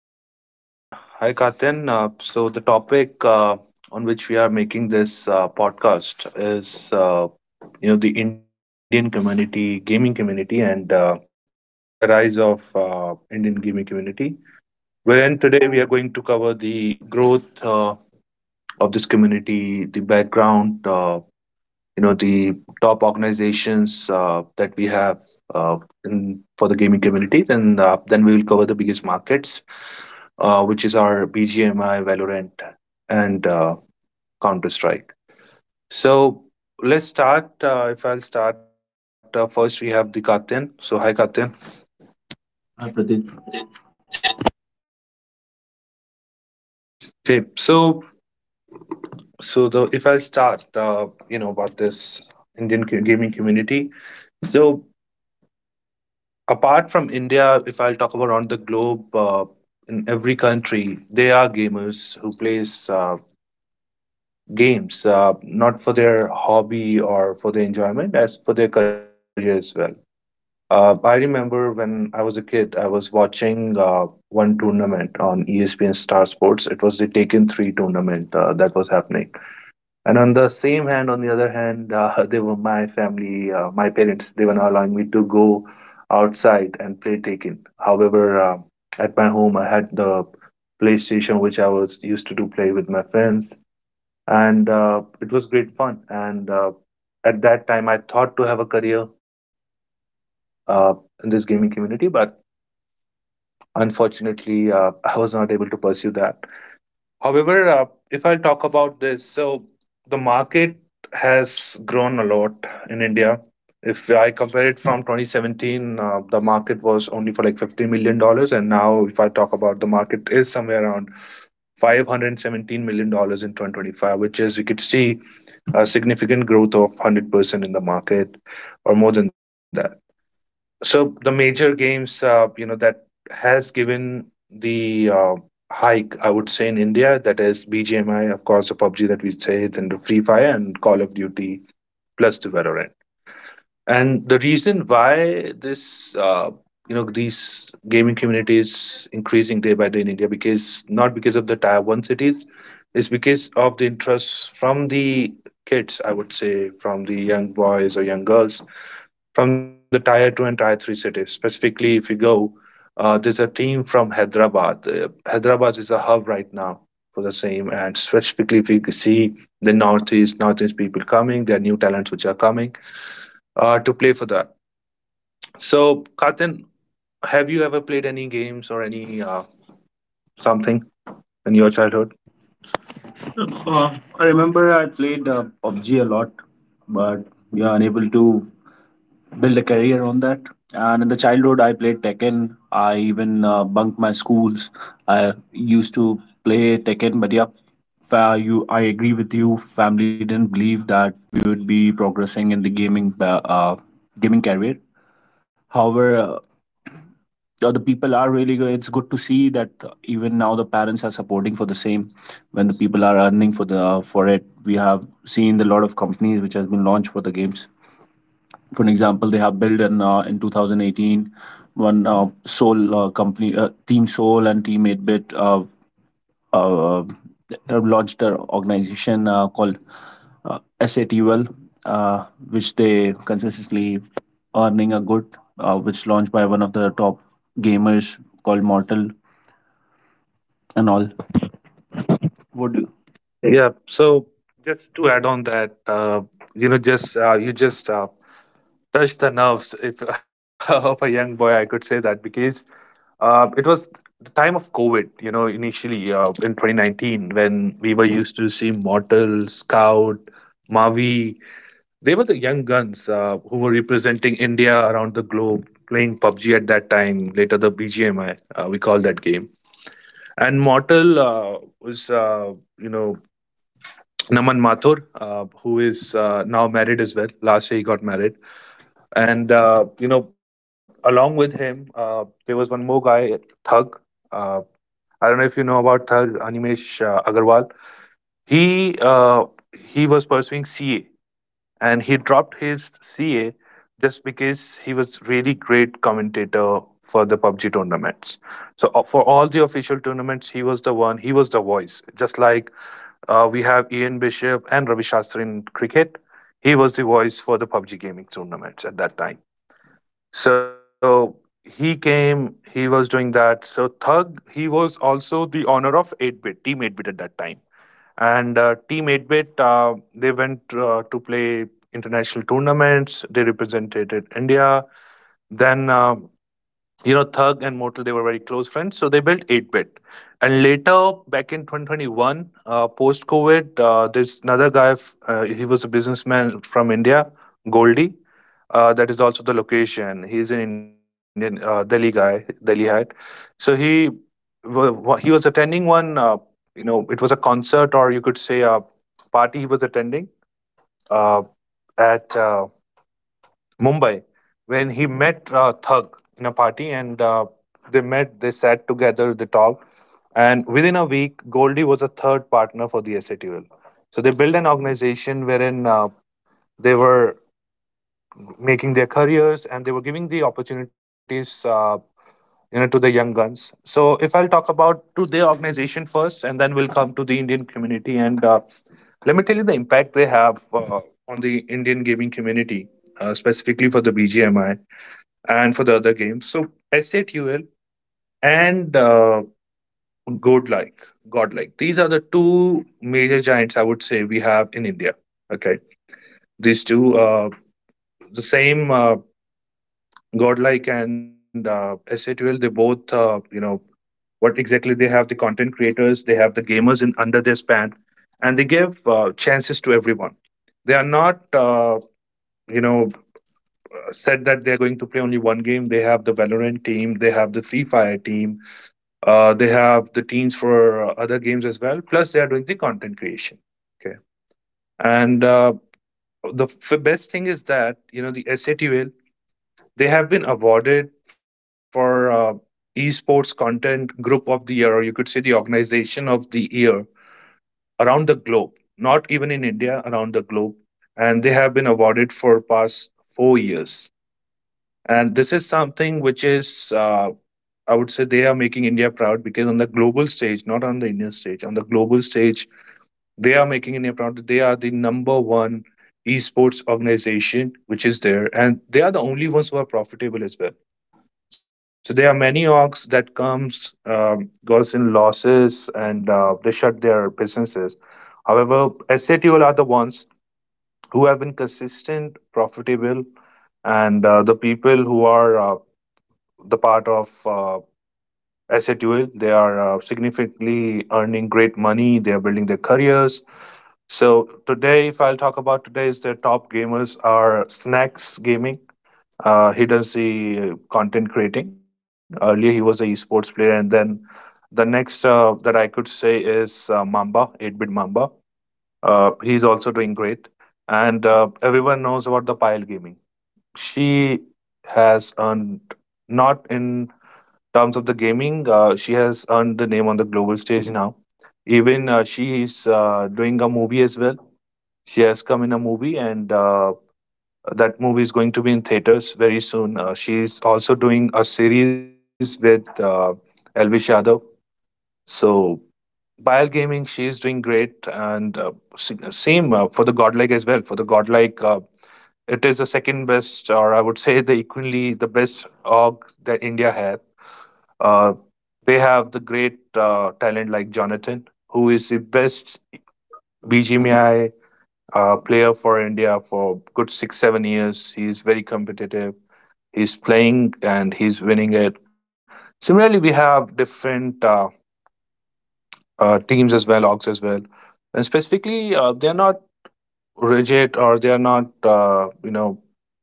Hello everyone. Hi Katyan. So the topic on which we are making this podcast is the Indian community, gaming community, and the rise of Indian gaming community. Wherein today we are going to cover the growth of this community, the background, the top organizations that we have uh, for the gaming community. Then we will cover the biggest markets which is our BGMI, Valorant, and counter strike so let's start. If I'll start, first we have the Katyan. So hi Katyan. Hi Pratik. Okay. So the if I start, about this gaming community. So apart from India, if I'll talk about around the globe, in every country, there are gamers who plays games not for their hobby or for their enjoyment, as for their career as well. I remember when I was a kid, I was watching one tournament on ESPN Star Sports. It was the Taken 3 tournament that was happening. And on the same hand, on the other hand, they were my family, my parents. They were not allowing me to go outside and play Taken. However, at my home, I had the PlayStation, which I was used to do play with my friends, and it was great fun. And at that time, I thought to have a career uh, in this gaming community, but unfortunately, I was not able to pursue that. However, if I'll talk about this, so the market has grown a lot in India. If I compare it from 2017, the market was only for like $50 million, and now if I talk about, the market is somewhere around $517 million in 2025, which is, you could see, a significant growth of 100% in the market, or more than that. So the major games that has given the hike, I would say, in India, that is BGMI, of course the PUBG that we say, then the Free Fire and Call of Duty, plus the Valorant. And the reason why this these gaming communities increasing day by day in India, because not because of the tier 1 cities, is because of the interest from the kids, I would say, from the young boys or young girls from the tier 2 and tier 3 cities. Specifically, if you go, there's a team from Hyderabad. Hyderabad is a hub right now for the same, and specifically if you see the northeast people coming, there are new talents which are coming to play for that. So, Katin, have you ever played any games or any something in your childhood? Uh, I remember I played PUBG a lot, but yeah, unable to build a career on that. And in the childhood, I played Tekken. I even bunked my schools. I used to play Tekken, but yeah, I agree with you. Family didn't believe that we would be progressing in the gaming gaming career. However, yeah, the people are really good. It's good to see that even now the parents are supporting for the same. When the people are earning for the for it, we have seen a lot of companies which has been launched for the games. For an example, they have built an in 2018 one Soul company, Team Soul and Team 8-Bit uh, have launched their organization called SATUL, which they consistently earning a good, which launched by one of the top gamers called Mortal and all. What What do do you you? think? Yeah. So, just to add on that, just you just touched the nerves if, of a young boy. I could say that because it was the time of COVID. You know, initially in 2019, when we were used to see Mortal, Scout, Mavi. They were the young guns who were representing India around the globe, playing PUBG at that time. Later, the BGMI we call that game. And Mortal was, you know Naman Mathur, who is now married as well. Last year he got married, and along with him there was one more guy, Thug. Uh, I don't know if you know about Thug Animesh Agarwal. He uh, he was pursuing CA, and he dropped his CA just because he was really great commentator for the PUBG tournaments. So for all the official tournaments, he was the one. He was the voice. Just like we have Ian Bishop and Ravi Shastri in cricket, he was the voice for the PUBG gaming tournaments at that time. So he came. He was doing that. So Thug, he was also the honor of 8-bit, team 8-bit at that time. And Team 8-bit, they went to play international tournaments. They represented India. Then, Thug and Motel, they were very close friends. So they built 8-Bit. And later, back in 2021, post-COVID, there's another guy, he was a businessman from India, Goldie. That is also the location. He's an Indian, Delhi guy, Delhi hat. So he was attending one, it was a concert, or you could say a party he was attending uh, at Mumbai, when he met Thug in a party, and they met, they sat together, they talked, and within a week, Goldie was a third partner for the SATL. So they built an organization wherein they were making their careers and they were giving the opportunities to the young guns. So, if I'll talk about to their organization first, and then we'll come to the Indian community, and let me tell you the impact they have on the Indian gaming community, specifically for the BGMI and for the other games. So SATUL and Godlike, Godlike. These are the two major giants, I would say, we have in India. Okay, these two, the same, Godlike and SATUL. They both, what exactly they have the content creators, they have the gamers in under their span, and they give chances to everyone. They are not, you know, said that they are going to play only one game. They have the Valorant team, they have the Free Fire team. They have the teams for other games as well. Plus, they are doing the content creation. Okay, and the best thing is that the SATUL, they have been awarded for esports content group of the year, or you could say the organization of the year around the globe. Not even in India, around the globe, and they have been awarded for past 4 years. And this is something which is, I would say, they are making India proud, because on the global stage, not on the Indian stage, on the global stage, they are making a name around it. They are the number one esports organization which is there, and they are the only ones who are profitable as well. So there are many orgs that comes, goes in losses, and they shut their businesses. However, SATL are the ones who have been consistent, profitable, and the people who are the part of SATL, they are significantly earning great money. They are building their careers. So today, if I'll talk about today's, their top gamers are Snacks Gaming. He does the content creating. Earlier, he was a esports player, and then the next that I could say is Mamba, 8-bit Mamba. He's also doing great, and everyone knows about the Pile Gaming. She has earned, not in terms of the gaming. She has earned the name on the global stage now. Even she is doing a movie as well, she has come in a movie, and that movie is going to be in theaters very soon. She's also doing a series with Elvish Yadav. So, Biogaming, she is doing great. And same for the Godlike as well. For the Godlike, it is the second best, or I would say the equally the best org that India had. Uh, they have the great talent, like Jonathan, who is the best BGMI player for India for good 6-7 years. He's very competitive. He's playing and he's winning it. Similarly, we have different teams as well, orgs as well, and specifically they're not rigid, or they're not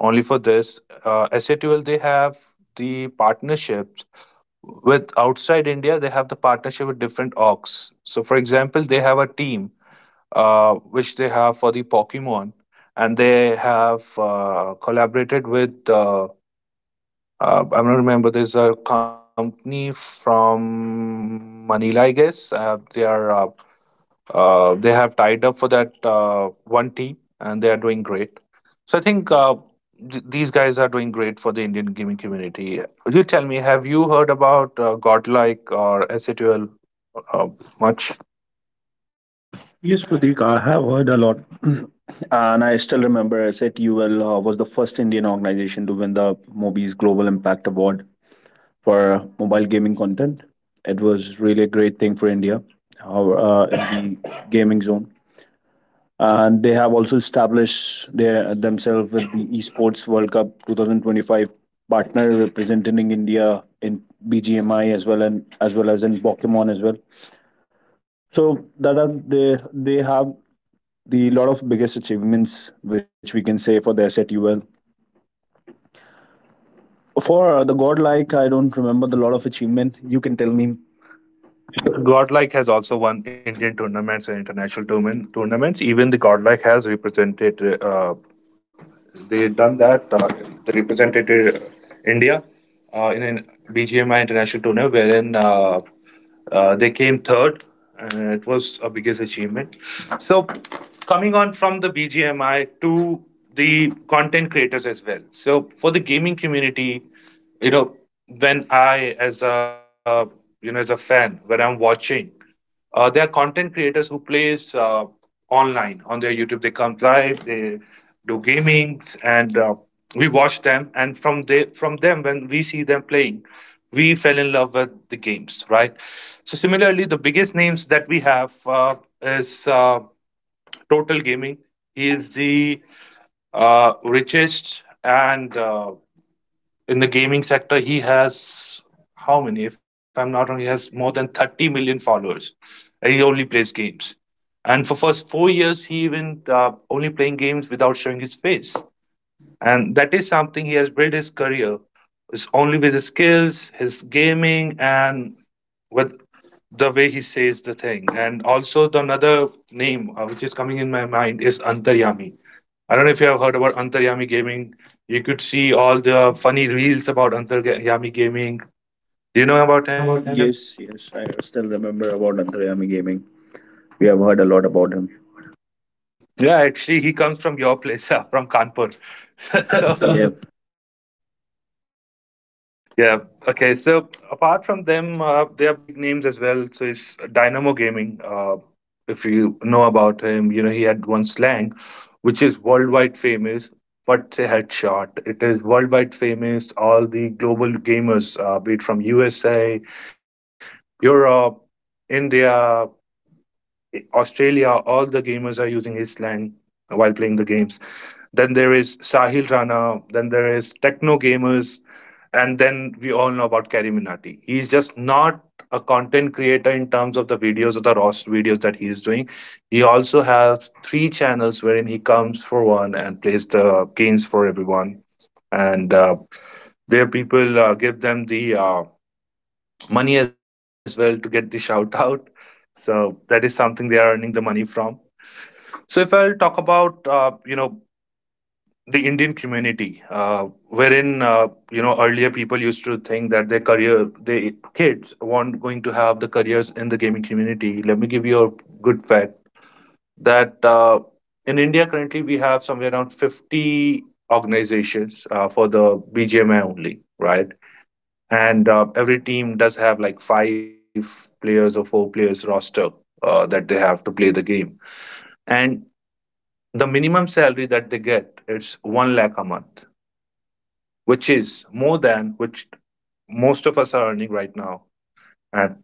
only for this. SATL, they have the partnerships with outside India. They have the partnership with different orgs. So, for example, they have a team which they have for the Pokemon, and they have collaborated with. I don't remember. There's a company from Manila, I guess. They have tied up for that one team, and they are doing great. So I think these guys are doing great for the Indian gaming community. You tell me, have you heard about Godlike or SATL uh, much? Yes, Pratik, I have heard a lot. And I still remember SATUL was the first Indian organization to win the Mobi's Global Impact Award for mobile gaming content. It was really a great thing for India, our, uh, in the gaming zone. And they have also established their themselves with the esports world cup 2025 partner representing India in BGMI as well and as well as in Pokemon as well, so that are they have the lot of biggest achievements which we can say for the SETUL. For the Godlike, I don't remember the lot of achievement. You can tell me. Godlike has also won Indian tournaments and international tournaments. Even the Godlike has represented. They done that. They represented India in an BGMI international tournament, wherein they came third, and it was a biggest achievement. So, coming on from the BGMI to the content creators as well. So, for the gaming community, you know, when I as a as a fan, when I'm watching. They are content creators who plays online on their YouTube. They come live, they do gamings, and we watch them. And from them, when we see them playing, we fell in love with the games, right? So similarly, the biggest names that we have is Total Gaming. He is the richest, and in the gaming sector he has, how many, if I'm not wrong, he has more than 30 million followers, and he only plays games. And for first 4 years he even only playing games without showing his face, and that is something he has built his career is only with, his skills, his gaming, and with the way he says the thing. And also the another name which is coming in my mind is antaryami. I don't know if you have heard about Antaryami Gaming. You could see all the funny reels about Antaryami Gaming. Do you know You about him? know about that? Yes, yes, I still remember about Antaryami Gaming. We have heard a lot about him. Yeah, actually, he comes from your place, yeah, from Kanpur. So, So, yeah. yeah, okay. So, apart from them, they are big names as well. So, it's Dynamo Gaming. If you know about him, you know, he had one slang, which is worldwide famous. What's a headshot? It is worldwide famous. All the global gamers, be it from USA, Europe, India, Australia, all the gamers are using his slang while playing the games. Then there is Sahil Rana. Then there is techno gamers, and then we all know about Kerry Minati. He's just not a content creator in terms of the videos or the roster videos that he is doing. He also has three channels wherein he comes for one and plays the games for everyone. And their people give them the money as well to get the shout out. So that is something they are earning the money from. So if I'll talk about you know the Indian community, wherein you know earlier people used to think that their career, the kids weren't going to have the careers in the gaming community. Let me give you a good fact that in India currently we have somewhere around 50 organizations for the BGMI only, right? And every team does have like five players or four players roster that they have to play the game, and the minimum salary that they get is 1 lakh a month, which is more than which most of us are earning right now. And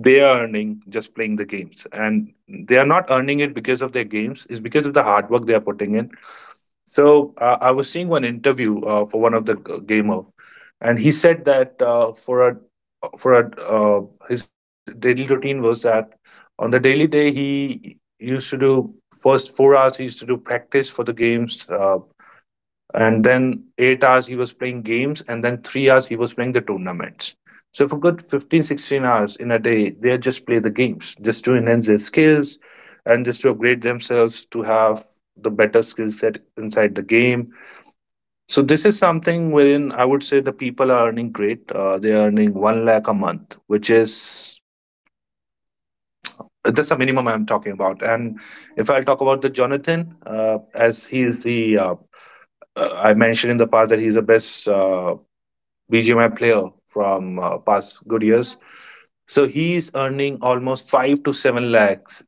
they are earning just playing the games, and they are not earning it because of their games. It's because of the hard work they are putting in. So I was seeing one interview for one of the gamer, and he said that for a uh, his daily routine was that on the daily day he used to do first 4 hours, he used to do practice for the games, and then 8 hours he was playing games, and then 3 hours he was playing the tournaments. So for good 15, 16 hours in a day they just play the games just to enhance their skills and just to upgrade themselves to have the better skill set inside the game. So this is something wherein I would say the people are earning great. They are earning 1 lakh a month, which is, that's the minimum I'm talking about. And if I'll talk about the Jonathan, as he's the I mentioned in the past that he's the best BGMI player from past good years. So he is earning almost 5 to 7 lakhs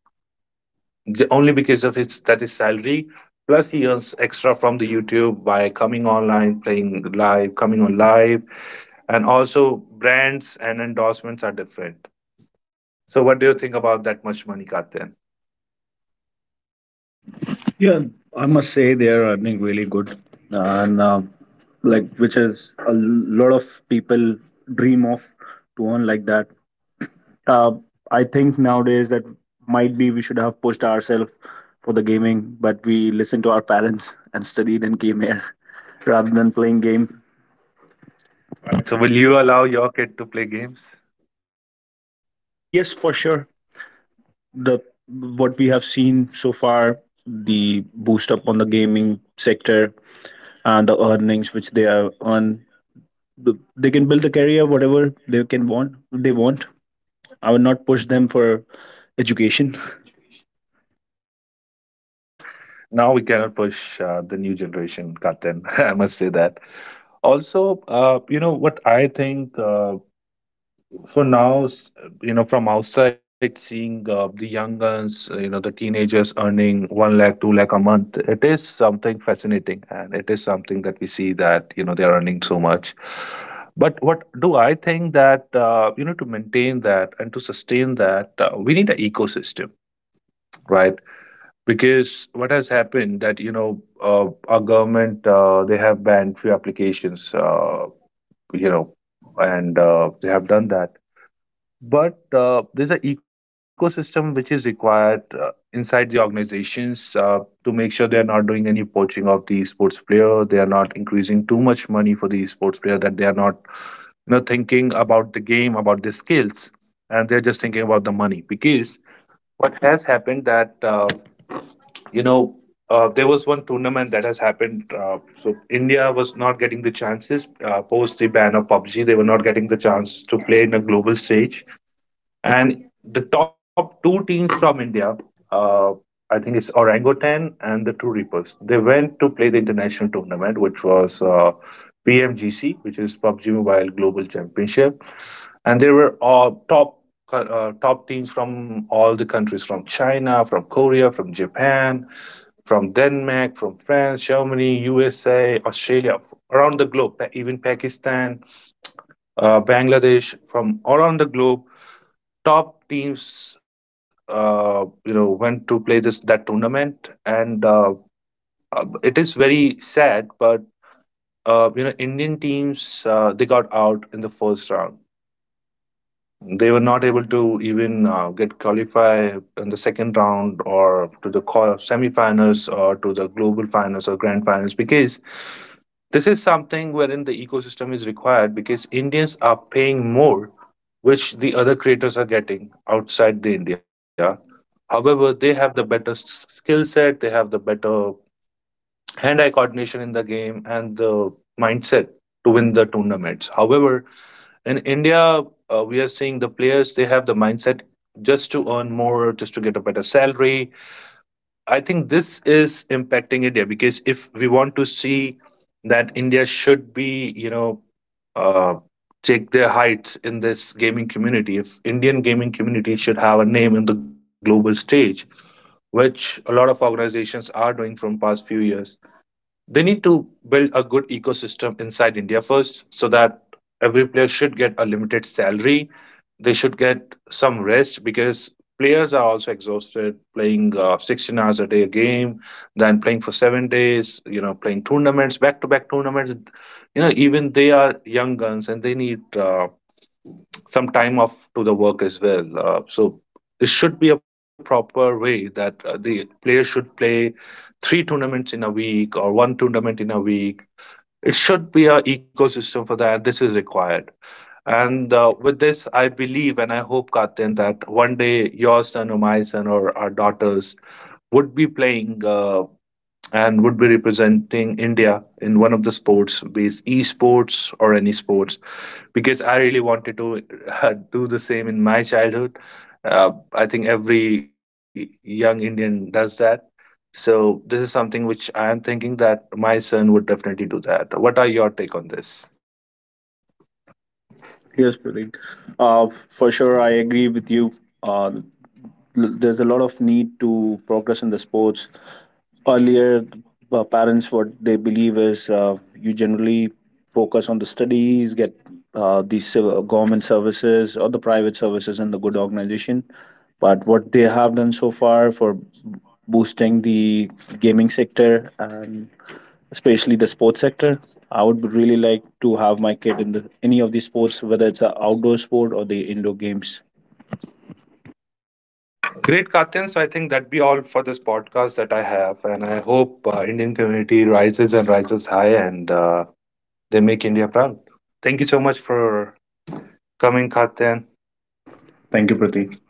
only because of his that is salary. Plus he earns extra from the YouTube by coming online, playing live, coming on live, and also brands and endorsements are different. So what do you think about that much money, Katyan? Yeah, I must say they are earning really good, and like which is a lot of people dream of to earn like that. Uh, I think nowadays that might be we should have pushed ourselves for the gaming, but we listened to our parents and studied and came here rather than playing game. Right. So will you allow your kid to play games? Yes, for sure. The what we have seen so far, the boost up on the gaming sector and the earnings which they have earned they can build a career whatever they can want they want, I would not push them for education. Now we cannot push the new generation, Katyan. I must say that. Also, you know what I think. For now, you know, from outside, seeing the young guns, you know, the teenagers earning 1 lakh, 2 lakh a month, it is something fascinating, and it is something that we see that you know they are earning so much. But what do I think that you know to maintain that and to sustain that, we need an ecosystem, right? Because what has happened that you know our government they have banned few applications, you know, and they have done that, but there's an ecosystem which is required inside the organizations to make sure they're not doing any poaching of the sports player. They are not increasing too much money for the sports player, that they are not, you know, thinking about the game, about their skills, and they're just thinking about the money. Because what has happened that you know there was one tournament that has happened. So India was not getting the chances post the ban of PUBG. They were not getting the chance to play in a global stage, and the top two teams from India, uh, I think it's Orangutan and the Two Reapers. They went to play the international tournament, which was PMGC, which is PUBG Mobile Global Championship, and they were all top top teams from all the countries, from China, from Korea, from Japan, from Denmark, from France, Germany, USA, Australia, around the globe, even Pakistan, Bangladesh, from around the globe, top teams you know went to play this that tournament, and it is very sad. But you know Indian teams, they got out in the first round. They were not able to even get qualify in the second round or to the semi finals or to the global finals or grand finals, because this is something wherein the ecosystem is required, because Indians are paying more, which the other creators are getting outside the India. However, they have the better skill set, they have the better hand-eye coordination in the game, and the mindset to win the tournaments. However, in India, we are seeing the players they have the mindset just to earn more, just to get a better salary. I think this is impacting India, because if we want to see that India should be, you know, uh, take their heights in this gaming community, if Indian gaming community should have a name in the global stage, which a lot of organizations are doing from past few years, they need to build a good ecosystem inside India first so that every player should get a limited salary. They should get some rest, because players are also exhausted playing 16 hours a day a game, then playing for 7 days, you know, playing tournaments, back to back tournaments. You know, even they are young guns, and they need some time off to the work as well. So it should be a proper way that the player should play three tournaments in a week or one tournament in a week. It should be a ecosystem for that. This is required. And with this, I believe and I hope, Katin, that one day your son or my son or our daughters would be playing. And would be representing India in one of the sports, be it esports or any sports, because I really wanted to do the same in my childhood. I think every young Indian does that. So this is something which I am thinking that my son would definitely do that. What are your take on this? Yes, Pratik. uh for sure I agree with you. uh there's a lot of need to progress in the sports earlier. Parents what they believe is you generally focus on the studies, get these government services or the private services in the good organization, but what they have done so far for boosting the gaming sector and especially the sports sector, I would really like to have my kid in the any of the sports, whether it's an outdoor sport or the indoor games. Great, Katyan. So I think that be all for this podcast that I have, and I hope Indian community rises and rises high, and they make India proud. Thank you so much for coming, Captain. Thank you, Thank you, Prati. Pratik.